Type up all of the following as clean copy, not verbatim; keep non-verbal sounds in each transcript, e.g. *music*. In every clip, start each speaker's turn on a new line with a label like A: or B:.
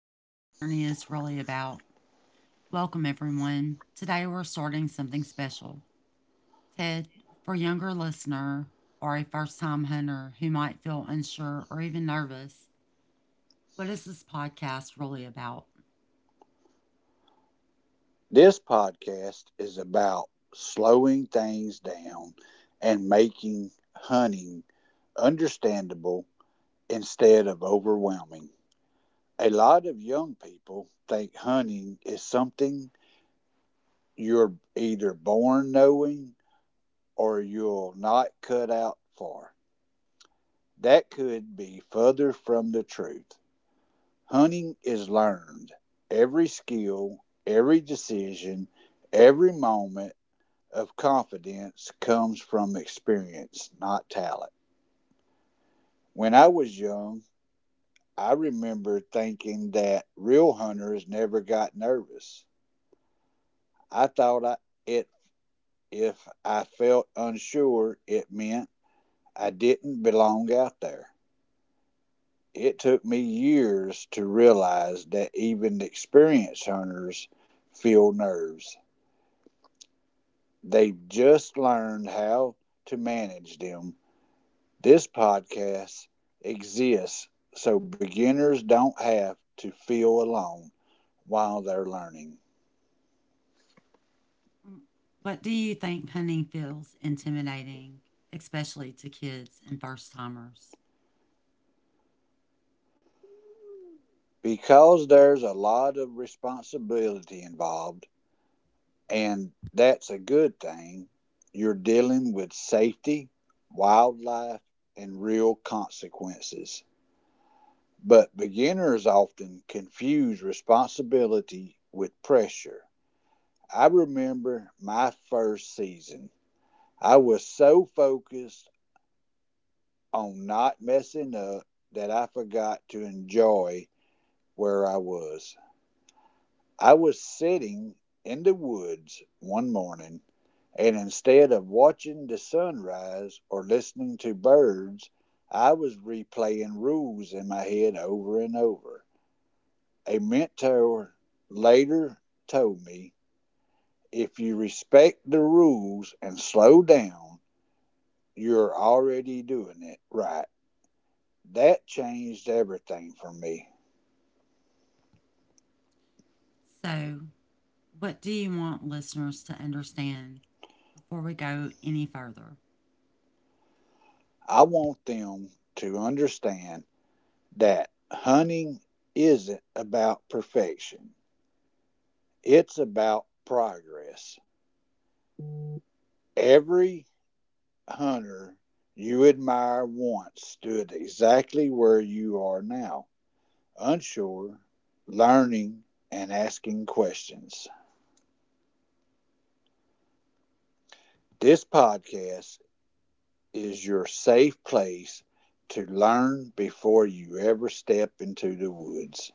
A: what this journey is really about. Welcome, everyone. Today we're starting something special. Ted, for a younger listener or a first time hunter who might feel unsure or even nervous, what is this podcast really about?
B: This podcast is about slowing things down and making hunting understandable instead of overwhelming. A lot of young people think hunting is something you're either born knowing or you'll not cut out for. That could be further from the truth. Hunting is learned. Every skill, every decision, every moment of confidence comes from experience, not talent. When I was young, I remember thinking that real hunters never got nervous. I thought I, it If I felt unsure, it meant I didn't belong out there. It took me years to realize that even experienced hunters feel nerves. They've just learned how to manage them. This podcast exists so beginners don't have to feel alone while they're learning,
A: What do you think hunting feels intimidating, especially to kids and first timers?
B: because there's a lot of responsibility involved, and that's a good thing. You're dealing with safety, wildlife, and real consequences. But beginners often confuse responsibility with pressure. I remember my first season. I was so focused on not messing up that I forgot to enjoy where I was. I was sitting in the woods one morning, and instead of watching the sunrise or listening to birds, I was replaying rules in my head over and over. A mentor later told me, if you respect the rules and slow down, you're already doing it right. That changed everything for me.
A: So, what do you want listeners to understand before we go any further?
B: I want them to understand that hunting isn't about perfection, it's about progress. Every hunter you admire once stood exactly where you are now, unsure, learning, and asking questions. This podcast is your safe place to learn before you ever step into the woods.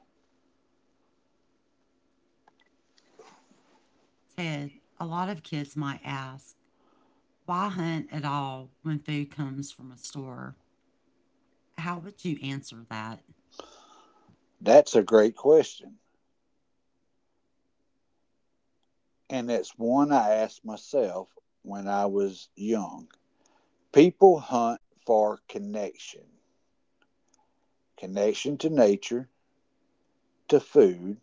A: Ted, a lot of kids might ask, why hunt at all when food comes from a store? How would you answer that?
B: That's a great question. And it's one I asked myself when I was young. People hunt for connection, connection to nature, to food,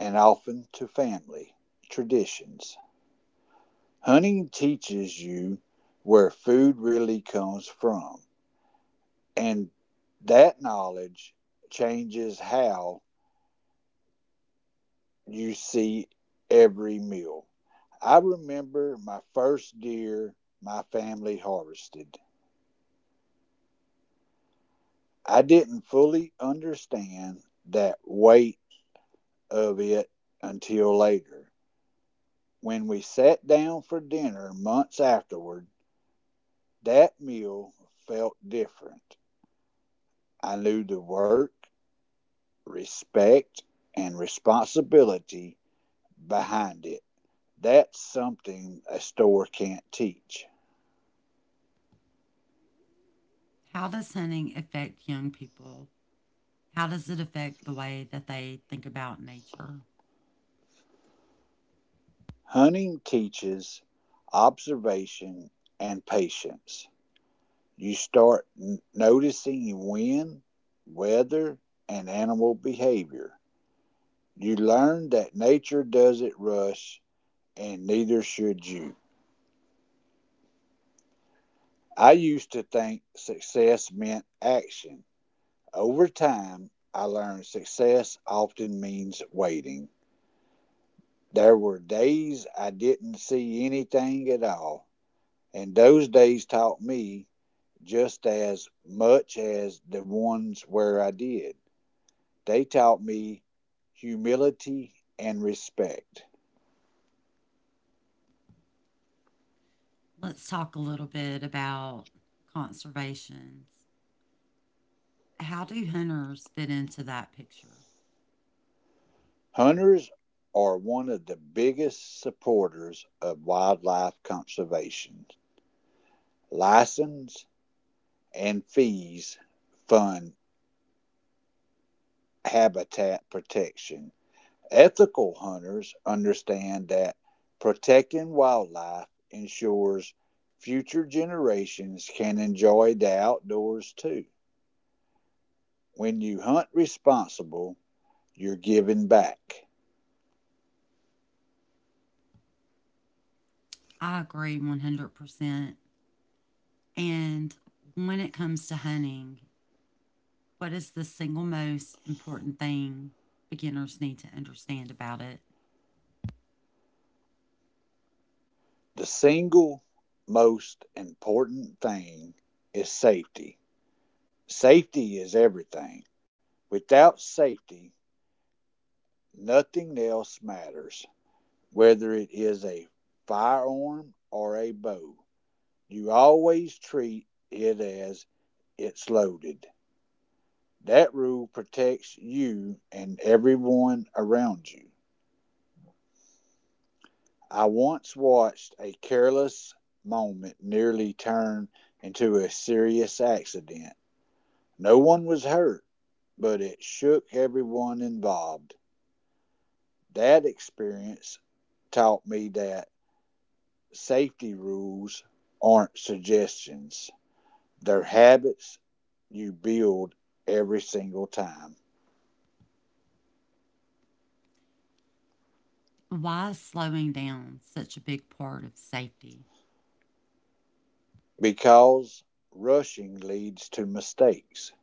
B: and often to family traditions. Hunting teaches you where food really comes from, and that knowledge changes how you see every meal. I remember my first deer my family harvested. I didn't fully understand that weight of it until later. When we sat down for dinner months afterward, that meal felt different. I knew the work, respect, and responsibility behind it. That's something a store can't teach.
A: How does hunting affect young people? How does it affect the way that they think about nature?
B: Hunting teaches observation and patience. You start noticing wind, weather, and animal behavior. You learn that nature doesn't rush, and neither should you. I used to think success meant action. Over time, I learned success often means waiting. There were days I didn't see anything at all, and those days taught me just as much as the ones where I did. They taught me humility and respect.
A: Let's talk a little bit about conservation. How do hunters fit into that picture?
B: Hunters are one of the biggest supporters of wildlife conservation. License and fees fund habitat protection. Ethical hunters understand that protecting wildlife ensures future generations can enjoy the outdoors too. When you hunt responsible, you're giving back.
A: I agree 100%. And when it comes to hunting, what is the single most important thing beginners need to understand about it?
B: The single most important thing is safety. Safety is everything. Without safety, nothing else matters, whether it is a firearm or a bow. You always treat it as it's loaded. That rule protects you and everyone around you. I once watched a careless moment nearly turn into a serious accident. No one was hurt, but it shook everyone involved. That experience taught me that safety rules aren't suggestions, they're habits you build every single time.
A: Why is slowing down such a big part of safety?
B: Because rushing leads to mistakes.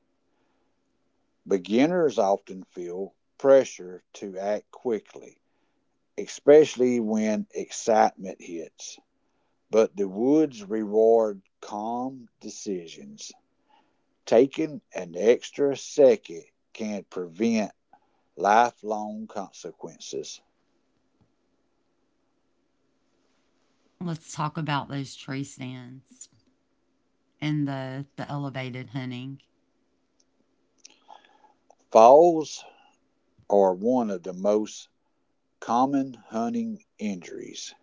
B: Beginners often feel pressure to act quickly, especially when excitement hits. But the woods reward calm decisions. Taking an extra second can prevent lifelong consequences.
A: Let's talk about those tree stands and the elevated hunting.
B: Falls are one of the most common hunting injuries.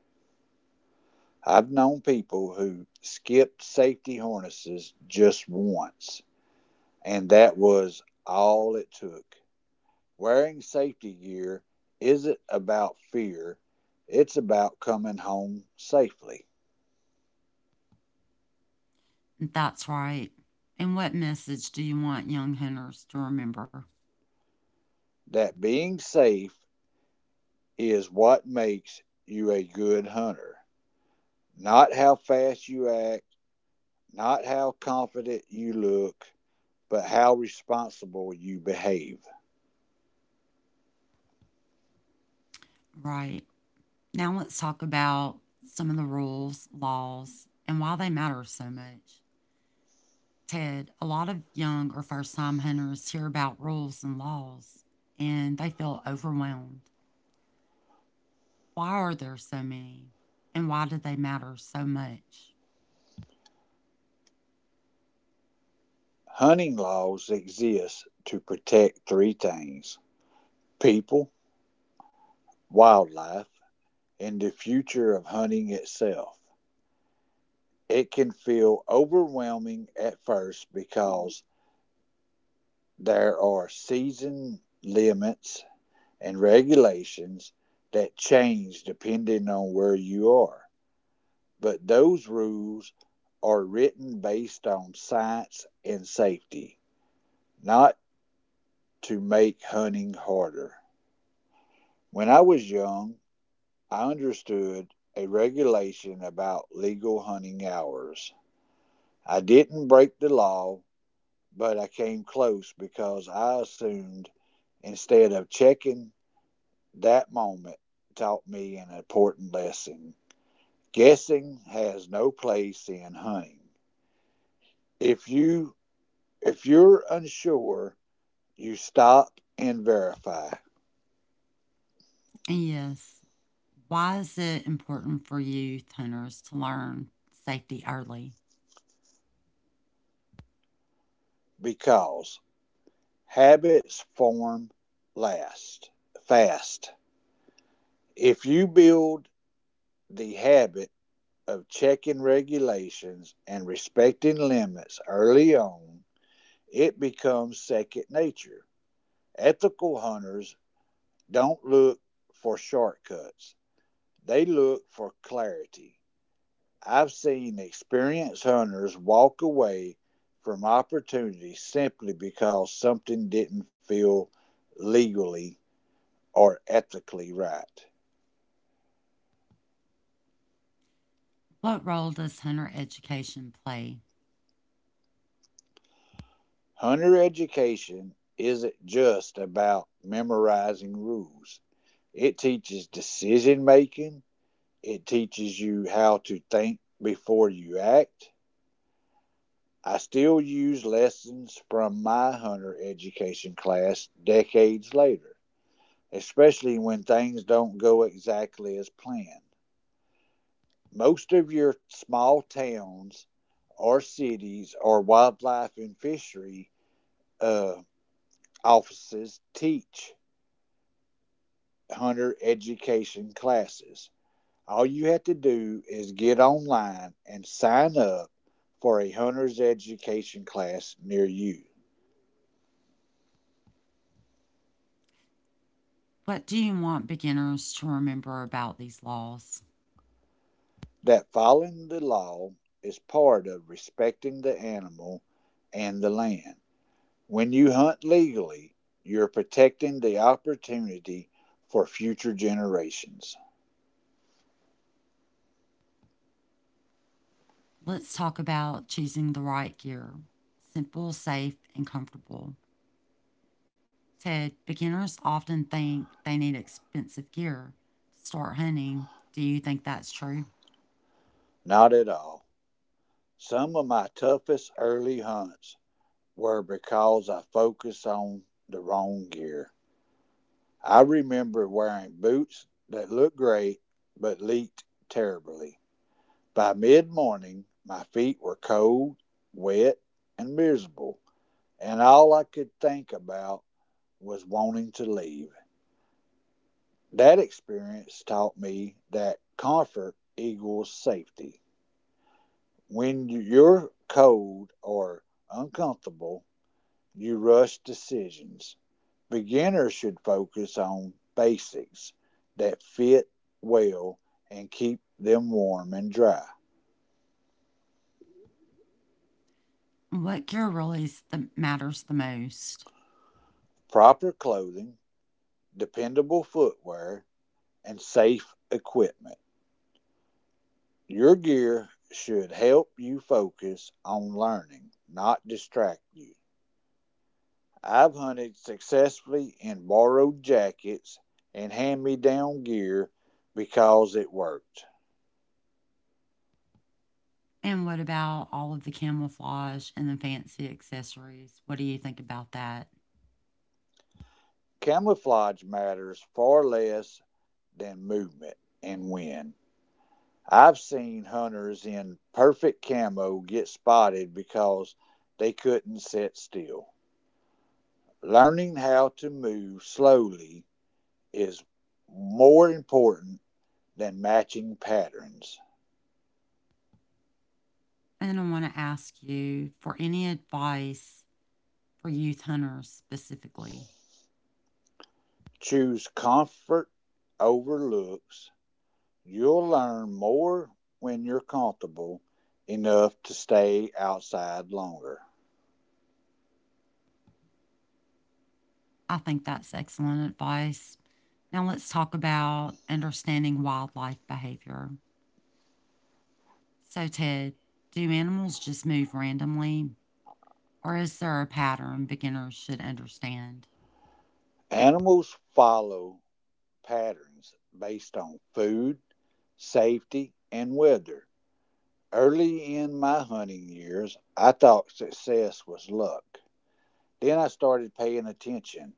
B: I've known people who skipped safety harnesses just once, and that was all it took. Wearing safety gear isn't about fear, it's about coming home safely.
A: That's right. And what message do you want young hunters to remember?
B: That being safe is what makes you a good hunter. Not how fast you act, not how confident you look, but how responsible you behave.
A: Right. Now let's talk about some of the rules, laws, and why they matter so much. Ted, a lot of young or first time hunters hear about rules and laws and they feel overwhelmed. Why are there so many? And why do they matter so much?
B: Hunting laws exist to protect three things: people, wildlife, and the future of hunting itself. It can feel overwhelming at first because there are season limits and regulations that change depending on where you are. But those rules are written based on science and safety, not to make hunting harder. When I was young, I understood a regulation about legal hunting hours. I didn't break the law, but I came close because I assumed instead of checking. That moment taught me an important lesson. Guessing has no place in hunting. If you If you're unsure, you stop and verify,
A: And yes, why is it important for youth hunters to learn safety early?
B: because habits form last fast. If you build the habit of checking regulations and respecting limits early on, it becomes second nature. Ethical hunters don't look for shortcuts, they look for clarity. I've seen experienced hunters walk away from opportunities simply because something didn't feel legally or ethically right.
A: What role does hunter education play?
B: Hunter education isn't just about memorizing rules, it teaches decision making, it teaches you how to think before you act. I still use lessons from my hunter education class decades later, especially when things don't go exactly as planned. Most of your small towns or cities or wildlife and fishery uh, offices teach hunter education classes. All you have to do is get online and sign up for a hunter's education class near you.
A: What do you want beginners to remember about these laws?
B: That following the law is part of respecting the animal and the land. When you hunt legally, you're protecting the opportunity for future generations.
A: Let's talk about choosing the right gear, simple, safe, and comfortable. Said beginners often think they need expensive gear to start hunting. Do you think that's true?
B: Not at all. Some of my toughest early hunts were because I focused on the wrong gear. I remember wearing boots that looked great but leaked terribly. By mid morning, my feet were cold, wet, and miserable, and all I could think about was wanting to leave. That experience taught me that comfort equals safety. When you're cold or uncomfortable, you rush decisions. Beginners should focus on basics that fit well and keep them warm and dry.
A: What gear really, matters the most?
B: Proper clothing, dependable footwear, and safe equipment. Your gear should help you focus on learning, not distract you. I've hunted successfully in borrowed jackets and hand me down gear because it worked.
A: And what about all of the camouflage and the fancy accessories? What do you think about that?
B: Camouflage matters far less than movement and wind. I've seen hunters in perfect camo get spotted because they couldn't sit still. Learning how to move slowly is more important than matching patterns.
A: And I want to ask you for any advice for youth hunters specifically.
B: Choose comfort over looks. You'll learn more when you're comfortable enough to stay outside longer.
A: I think that's excellent advice. Now let's talk about understanding wildlife behavior. So, Ted, do animals just move randomly, or is there a pattern beginners should understand?
B: Animals follow patterns based on food, safety, and weather. Early in my hunting years, I thought success was luck. Then I started paying attention.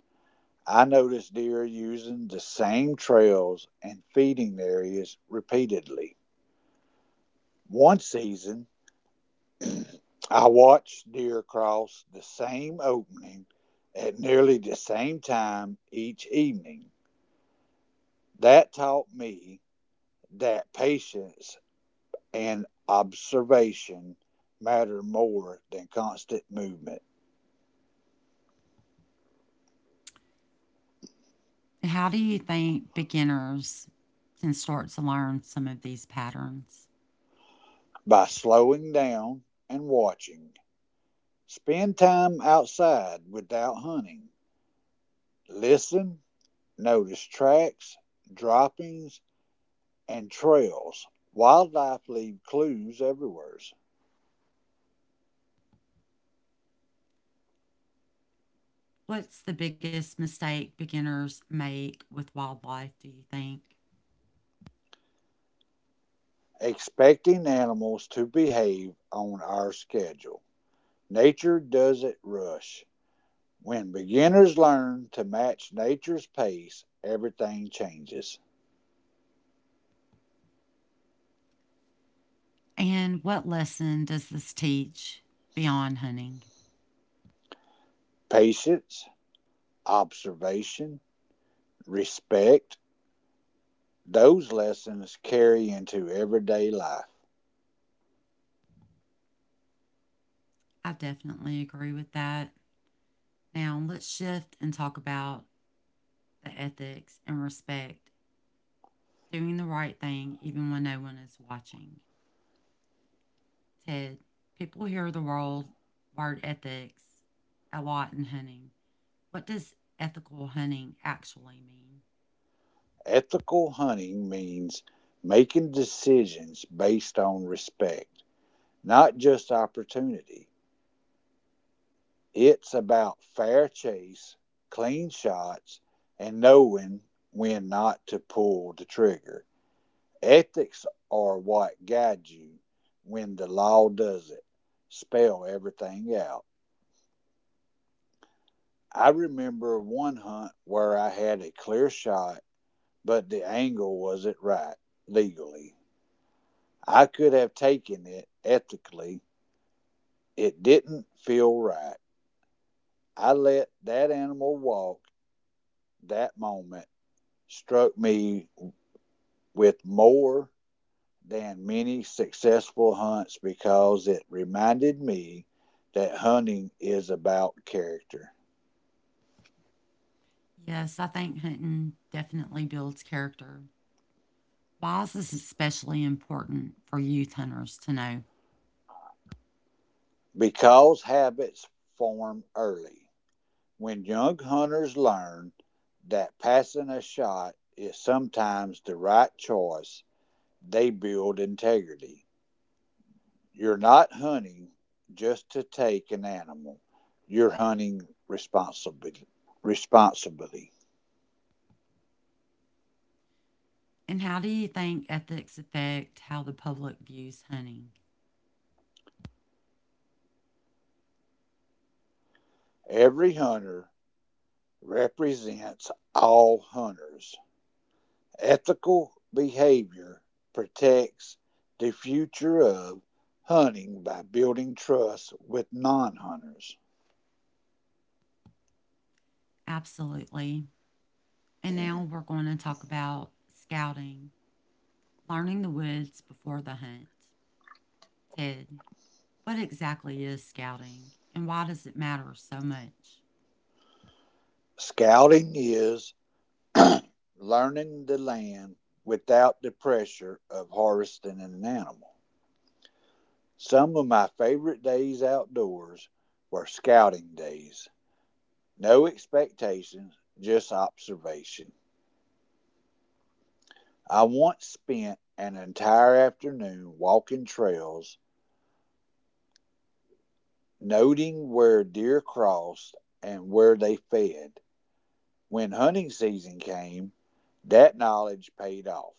B: I noticed deer using the same trails and feeding areas repeatedly. One season, I watched deer cross the same opening at nearly the same time each evening. That taught me that patience and observation matter more than constant movement.
A: How do you think beginners can start to learn some of these patterns?
B: By slowing down and watching, spend time outside without hunting, listen, notice tracks, droppings, and trails. Wildlife leave clues everywhere.
A: What's the biggest mistake beginners make with wildlife, do you think?
B: Expecting animals to behave on our schedule. Nature doesn't rush. When beginners learn to match nature's pace, everything changes.
A: And what lesson does this teach beyond hunting?
B: Patience, observation, respect, those lessons carry into everyday life.
A: I definitely agree with that. Now, let's shift and talk about the ethics and respect, doing the right thing even when no one is watching. Ted, people hear the world word ethics a lot in hunting. What does ethical hunting actually mean?
B: Ethical hunting means making decisions based on respect, not just opportunity. It's about fair chase, clean shots, and knowing when not to pull the trigger. Ethics are what guide you when the law doesn't spell everything out. I remember one hunt where I had a clear shot, but the angle wasn't right legally. I could have taken it ethically. It didn't feel right. I let that animal walk. That moment struck me with more than many successful hunts because it reminded me that hunting is about character.
A: Yes, I think hunting definitely builds character. Why is this especially important for youth hunters to know?
B: Because habits form early. When young hunters learn that passing a shot is sometimes the right choice, they build integrity. You're not hunting just to take an animal, you're hunting responsibly. Responsibly.
A: And how do you think ethics affect how the public views hunting?
B: Every hunter represents all hunters. Ethical behavior protects the future of hunting by building trust with non hunters.
A: Absolutely. And now we're going to talk about scouting, learning the woods before the hunt. Ted, what exactly is scouting and why does it matter so much?
B: Scouting is *clears throat* learning the land without the pressure of harvesting an animal. Some of my favorite days outdoors were scouting days. No expectations, just observation. I once spent an entire afternoon walking trails, noting where deer crossed and where they fed. When hunting season came, that knowledge paid off.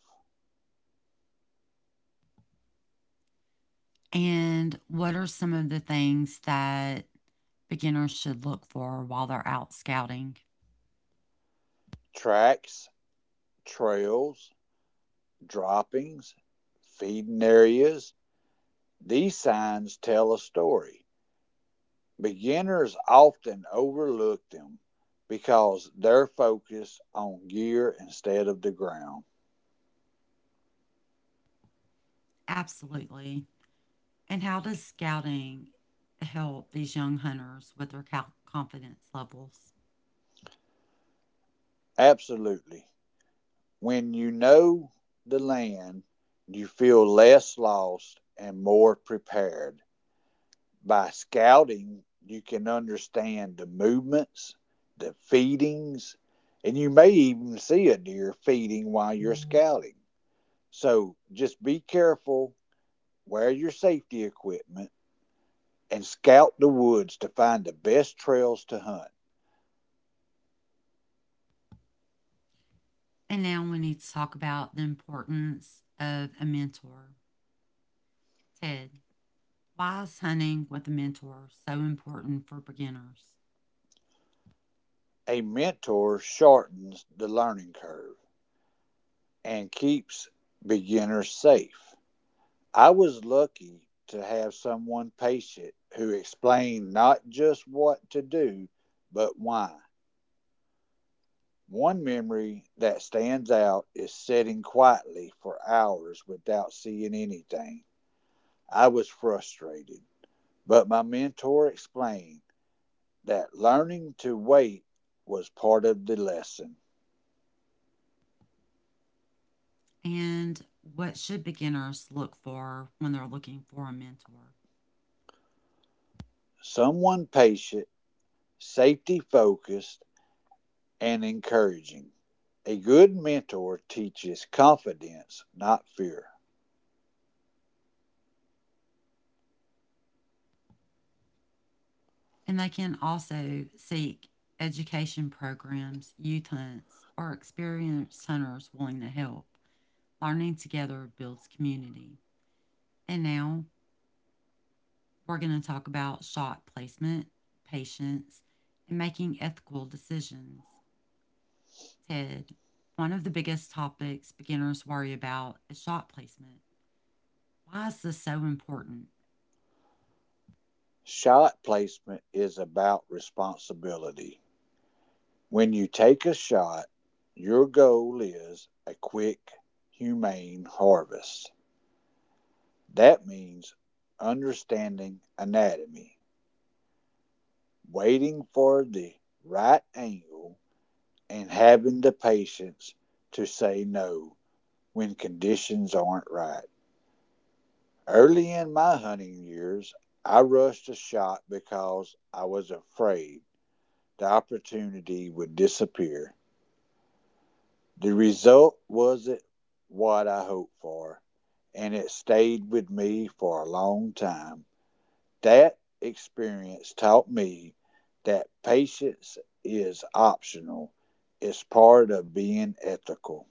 A: And what are some of the things that beginners should look for while they're out scouting?
B: Tracks, trails, droppings, feeding areas, these signs tell a story. Beginners often overlook them because they're focused on gear instead of the ground.
A: Absolutely. And how does scouting help these young hunters with their confidence levels?
B: Absolutely. When you know the land, you feel less lost and more prepared. By scouting, you can understand the movements, the feedings, and you may even see a deer feeding while you're scouting. So just be careful, wear your safety equipment, and scout the woods to find the best trails to hunt.
A: And now we need to talk about the importance of a mentor. Ted, why is hunting with a mentor so important for beginners?
B: A mentor shortens the learning curve and keeps beginners safe. I was lucky to have someone patient who explained not just what to do, but why. One memory that stands out is sitting quietly for hours without seeing anything. I was frustrated, but my mentor explained that learning to wait was part of the lesson.
A: And what should beginners look for when they're looking for a mentor?
B: Someone patient, safety focused, and encouraging. A good mentor teaches confidence, not fear.
A: And they can also seek education programs, youth hunts, or experienced hunters willing to help. Learning together builds community. And now we're going to talk about shot placement, patience, and making ethical decisions. Ted, one of the biggest topics beginners worry about is shot placement. Why is this so important?
B: Shot placement is about responsibility. When you take a shot, your goal is a quick, humane harvest. That means understanding anatomy, waiting for the right angle, and having the patience to say no when conditions aren't right. Early in my hunting years, I rushed a shot because I was afraid the opportunity would disappear. The result wasn't what I hoped for, and it stayed with me for a long time. That experience taught me that patience is optional, it's part of being ethical.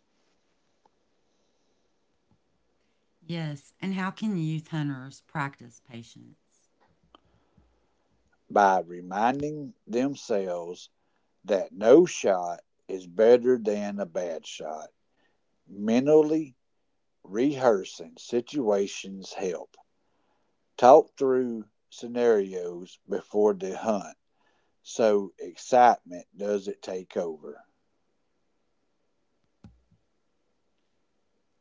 A: Yes, and how can youth hunters practice patience?
B: By reminding themselves that no shot is better than a bad shot, mentally rehearsing situations help. Talk through scenarios before the hunt so excitement doesn't take over.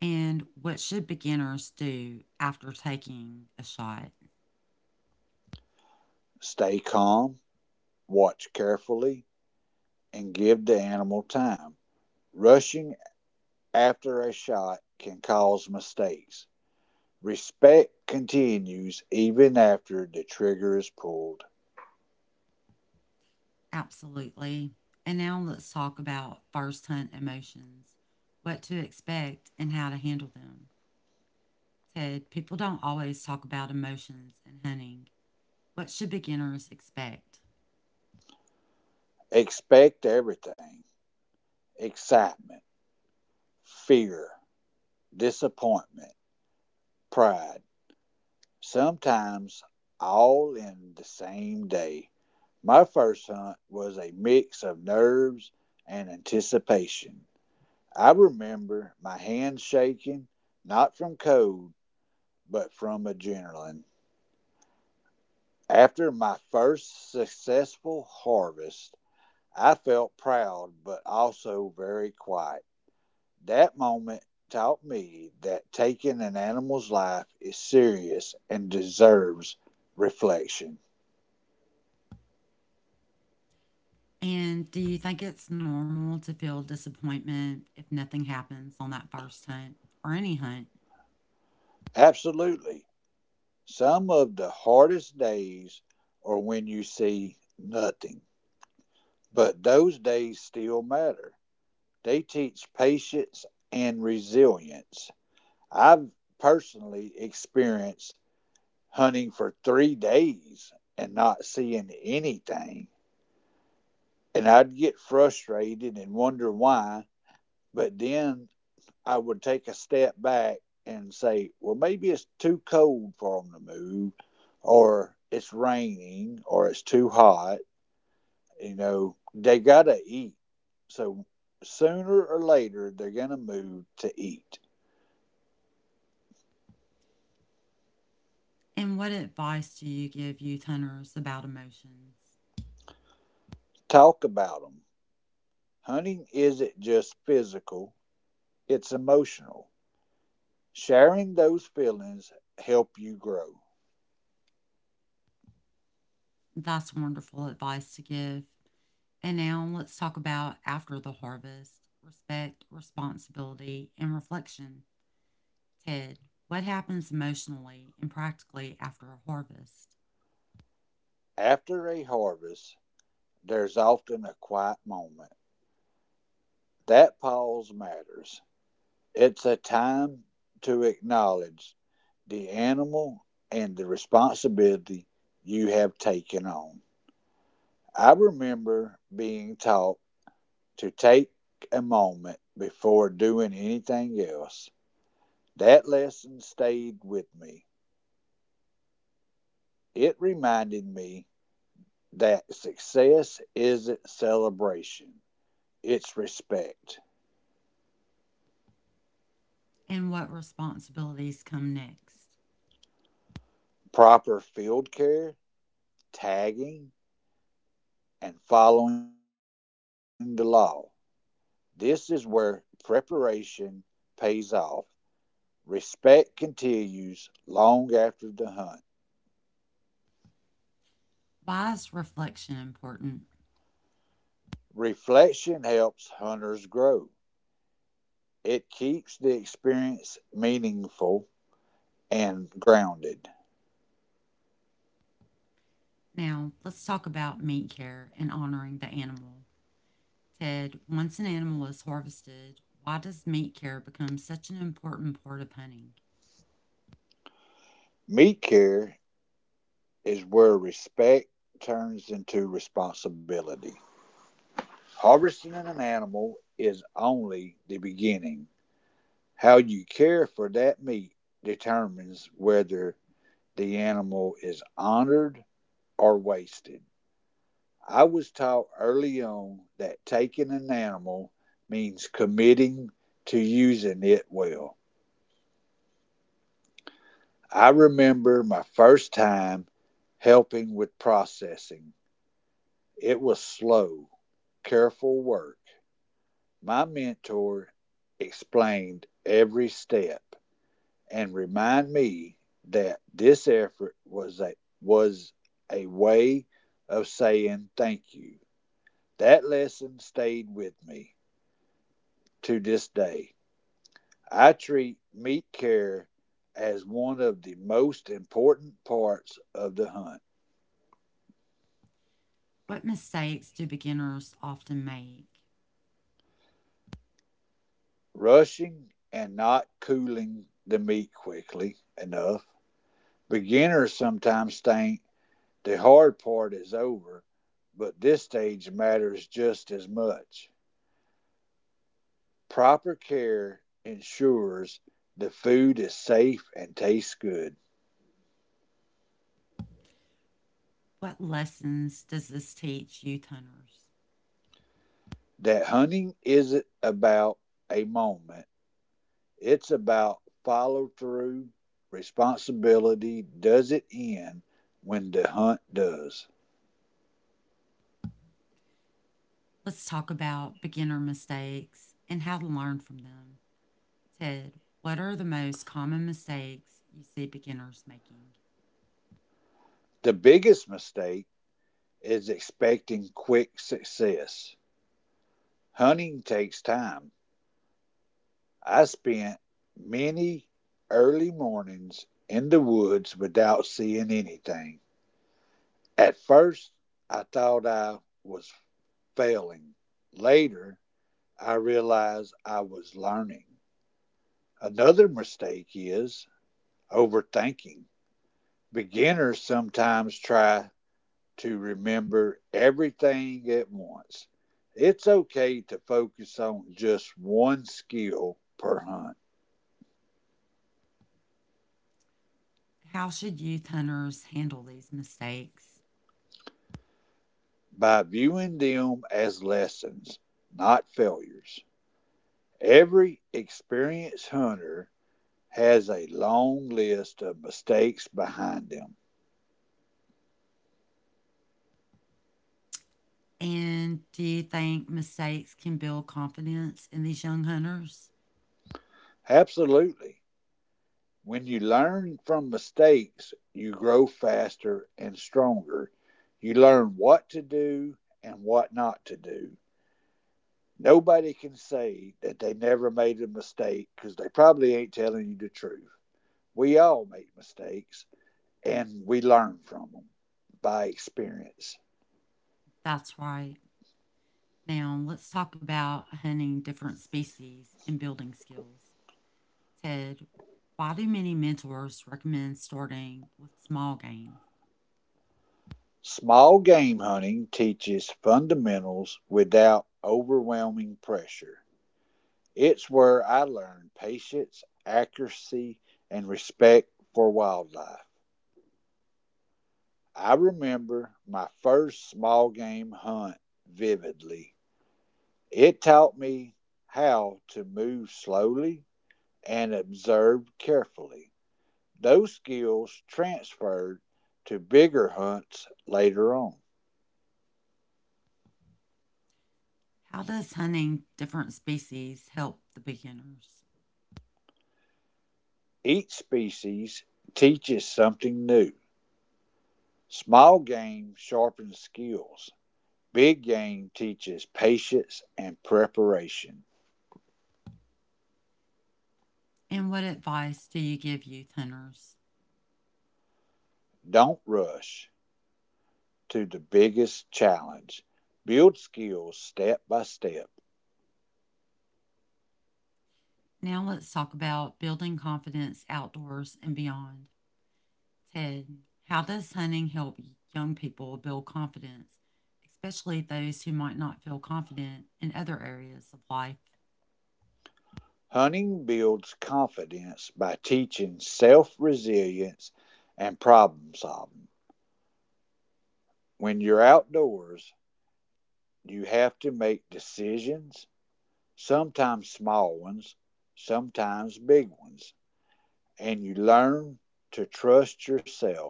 A: And what should beginners do after taking a shot?
B: Stay calm, watch carefully, and give the animal time. Rushing after a shot can cause mistakes. Respect continues even after the trigger is pulled.
A: Absolutely. And now let's talk about first hunt emotions, what to expect, and how to handle them. Ted, people don't always talk about emotions in hunting. What should beginners expect?
B: Expect everything: excitement, fear, disappointment, pride. Sometimes all in the same day. My first hunt was a mix of nerves and anticipation. I remember my hands shaking, not from cold, but from adrenaline. After my first successful harvest, I felt proud but also very quiet. That moment taught me that taking an animal's life is serious and deserves reflection.
A: And do you think it's normal to feel disappointment if nothing happens on that first hunt or any hunt?
B: Absolutely. Some of the hardest days are when you see nothing, but those days still matter. They teach patience and resilience. I've personally experienced hunting for 3 days and not seeing anything, and I'd get frustrated and wonder why, but then I would take a step back and say, well, maybe it's too cold for them to move, or it's raining, or it's too hot. You know, they got to eat. So sooner or later, they're going to move to eat.
A: And what advice do you give youth hunters about emotions?
B: Talk about them. Hunting isn't just physical, it's emotional. Sharing those feelings help you grow.
A: That's wonderful advice to give. And now let's talk about after the harvest respect, responsibility, and reflection. Ted, what happens emotionally and practically after a harvest?
B: After a harvest, there's often a quiet moment. That pause matters. It's a time to acknowledge the animal and the responsibility you have taken on. I remember being taught to take a moment before doing anything else. That lesson stayed with me. It reminded me that success isn't celebration, it's respect,
A: And what responsibilities come next?
B: proper field care, tagging, and following the law. This is where preparation pays off. Respect continues long after the hunt.
A: Why is reflection important?
B: Reflection helps hunters grow. It keeps the experience meaningful and grounded.
A: Now, let's talk about meat care and honoring the animal. Ted, once an animal is harvested, why does meat care become such an important part of hunting?
B: Meat care is where respect turns into responsibility. Harvesting an animal is only the beginning. How you care for that meat determines whether the animal is honored are wasted. I was taught early on that taking an animal means committing to using it well. I remember my first time helping with processing. It was slow, careful work. My mentor explained every step and reminded me that this effort was a way of saying thank you. That lesson stayed with me to this day. I treat meat care as one of the most important parts of the hunt.
A: What mistakes do beginners often make?
B: Rushing and not cooling the meat quickly enough. Beginners sometimes think the hard part is over, but this stage matters just as much. Proper care ensures the food is safe and tastes good.
A: What lessons does this teach youth hunters?
B: That hunting isn't about a moment, it's about follow through, responsibility. Does it end when the hunt does?
A: Let's talk about beginner mistakes and how to learn from them. Ted, what are the most common mistakes you see beginners making?
B: The biggest mistake is expecting quick success. Hunting takes time. I spent many early mornings in the woods without seeing anything. At first, I thought I was failing. Later, I realized I was learning. Another mistake is overthinking. Beginners sometimes try to remember everything at once. It's okay to focus on just one skill per hunt
A: How should youth hunters handle these mistakes?
B: by viewing them as lessons, not failures. Every experienced hunter has a long list of mistakes behind them.
A: And do you think mistakes can build confidence in these young hunters?
B: Absolutely. When you learn from mistakes, you grow faster and stronger. You learn what to do and what not to do. Nobody can say that they never made a mistake because they probably ain't telling you the truth. We all make mistakes and we learn from them by experience.
A: That's right. Now, let's talk about hunting different species and building skills. Ted, why do many mentors recommend starting with small game?
B: Small game hunting teaches fundamentals without overwhelming pressure. It's where I learned patience, accuracy, and respect for wildlife. I remember my first small game hunt vividly. It taught me how to move slowly and observe carefully. Those skills transferred to bigger hunts later on.
A: How does hunting different species help the beginners?
B: Each species teaches something new. Small game sharpens skills. Big game teaches patience and preparation.
A: And what advice do you give youth hunters?
B: Don't rush to the biggest challenge. Build skills step by step.
A: Now, let's talk about building confidence outdoors and beyond. Ted, how does hunting help young people build confidence, especially those who might not feel confident in other areas of life?
B: Hunting builds confidence by teaching self resilience and problem solving. When you're outdoors, you have to make decisions, sometimes small ones, sometimes big ones, and you learn to trust yourself.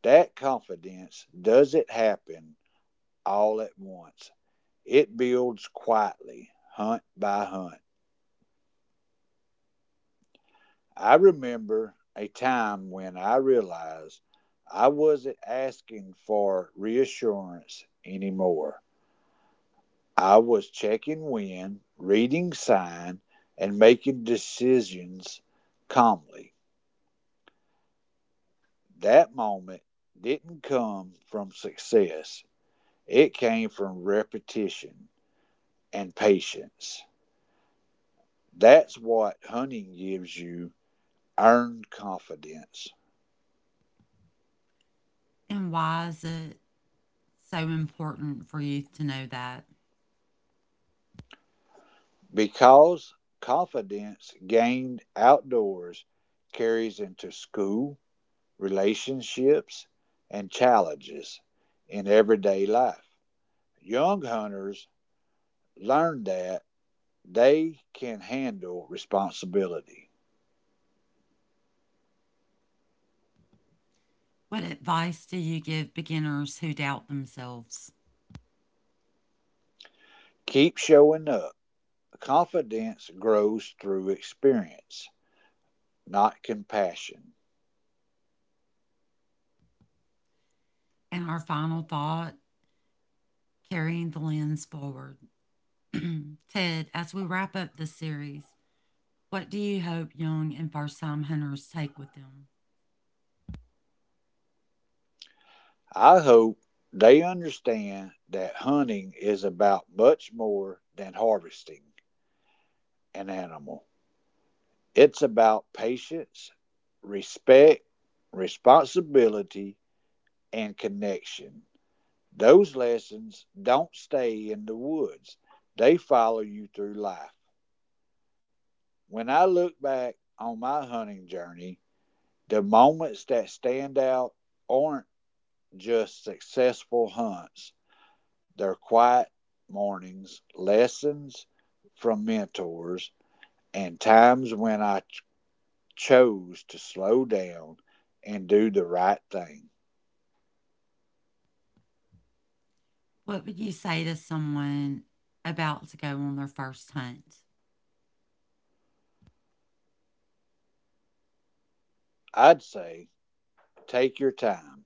B: That confidence doesn't happen all at once. It builds quietly, hunt by hunt. I remember a time when I realized I wasn't asking for reassurance anymore. I was checking wind, reading sign, and making decisions calmly. That moment didn't come from success. It came from repetition and patience. That's what hunting gives you: earned confidence,
A: And why is it so important for you to know that?
B: because confidence gained outdoors carries into school, relationships, and challenges in everyday life. Young hunters learn that they can handle responsibility.
A: What advice do you give beginners who doubt themselves?
B: Keep showing up. Confidence grows through experience, not compassion.
A: And our final thought, carrying the lens forward. *clears throat* Ted, as we wrap up this series, what do you hope young and first time hunters take with them?
B: I hope they understand that hunting is about much more than harvesting an animal. It's about patience, respect, responsibility, and connection. Those lessons don't stay in the woods, they follow you through life. When I look back on my hunting journey, the moments that stand out aren't just successful hunts, their quiet mornings, lessons from mentors, and times when chose to slow down and do the right thing.
A: What would you say to someone about to go on their first hunt?
B: I'd say take your time,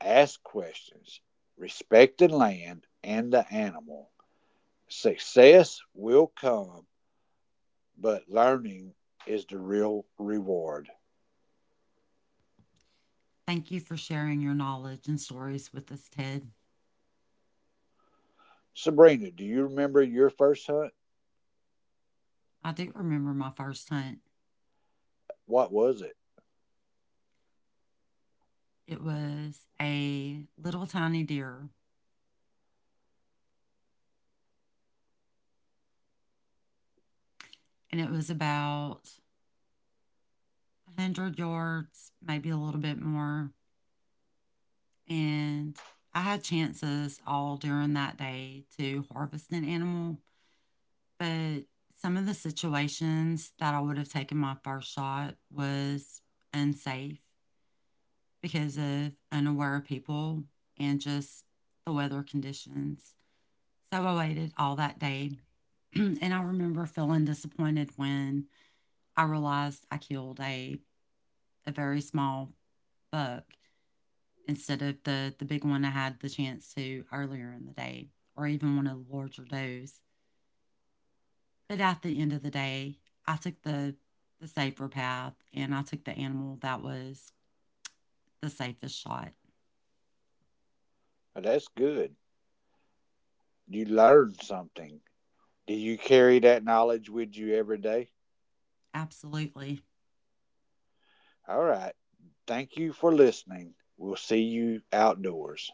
B: ask questions, respect the land and the animal. Success will come, but learning is the real reward.
A: Thank you for sharing your knowledge and stories with us, Ted.
B: Sabrina, do you remember your first hunt?
A: I do remember my first hunt.
B: What was it?
A: It was a little tiny deer, and it was about 100 yards, maybe a little bit more. And I had chances all during that day to harvest an animal, but some of the situations that I would have taken my first shot was unsafe because of unaware people and just the weather conditions. So I waited all that day. *clears throat* And I remember feeling disappointed when I realized I killed a very small buck instead of the big one I had the chance to earlier in the day, or even one of the larger does. But at the end of the day, I took the safer path, and I took the animal that was the safest shot.
B: That's good. You learned something. Do you carry that knowledge with you every day?
A: Absolutely.
B: All right. Thank you for listening. We'll see you outdoors.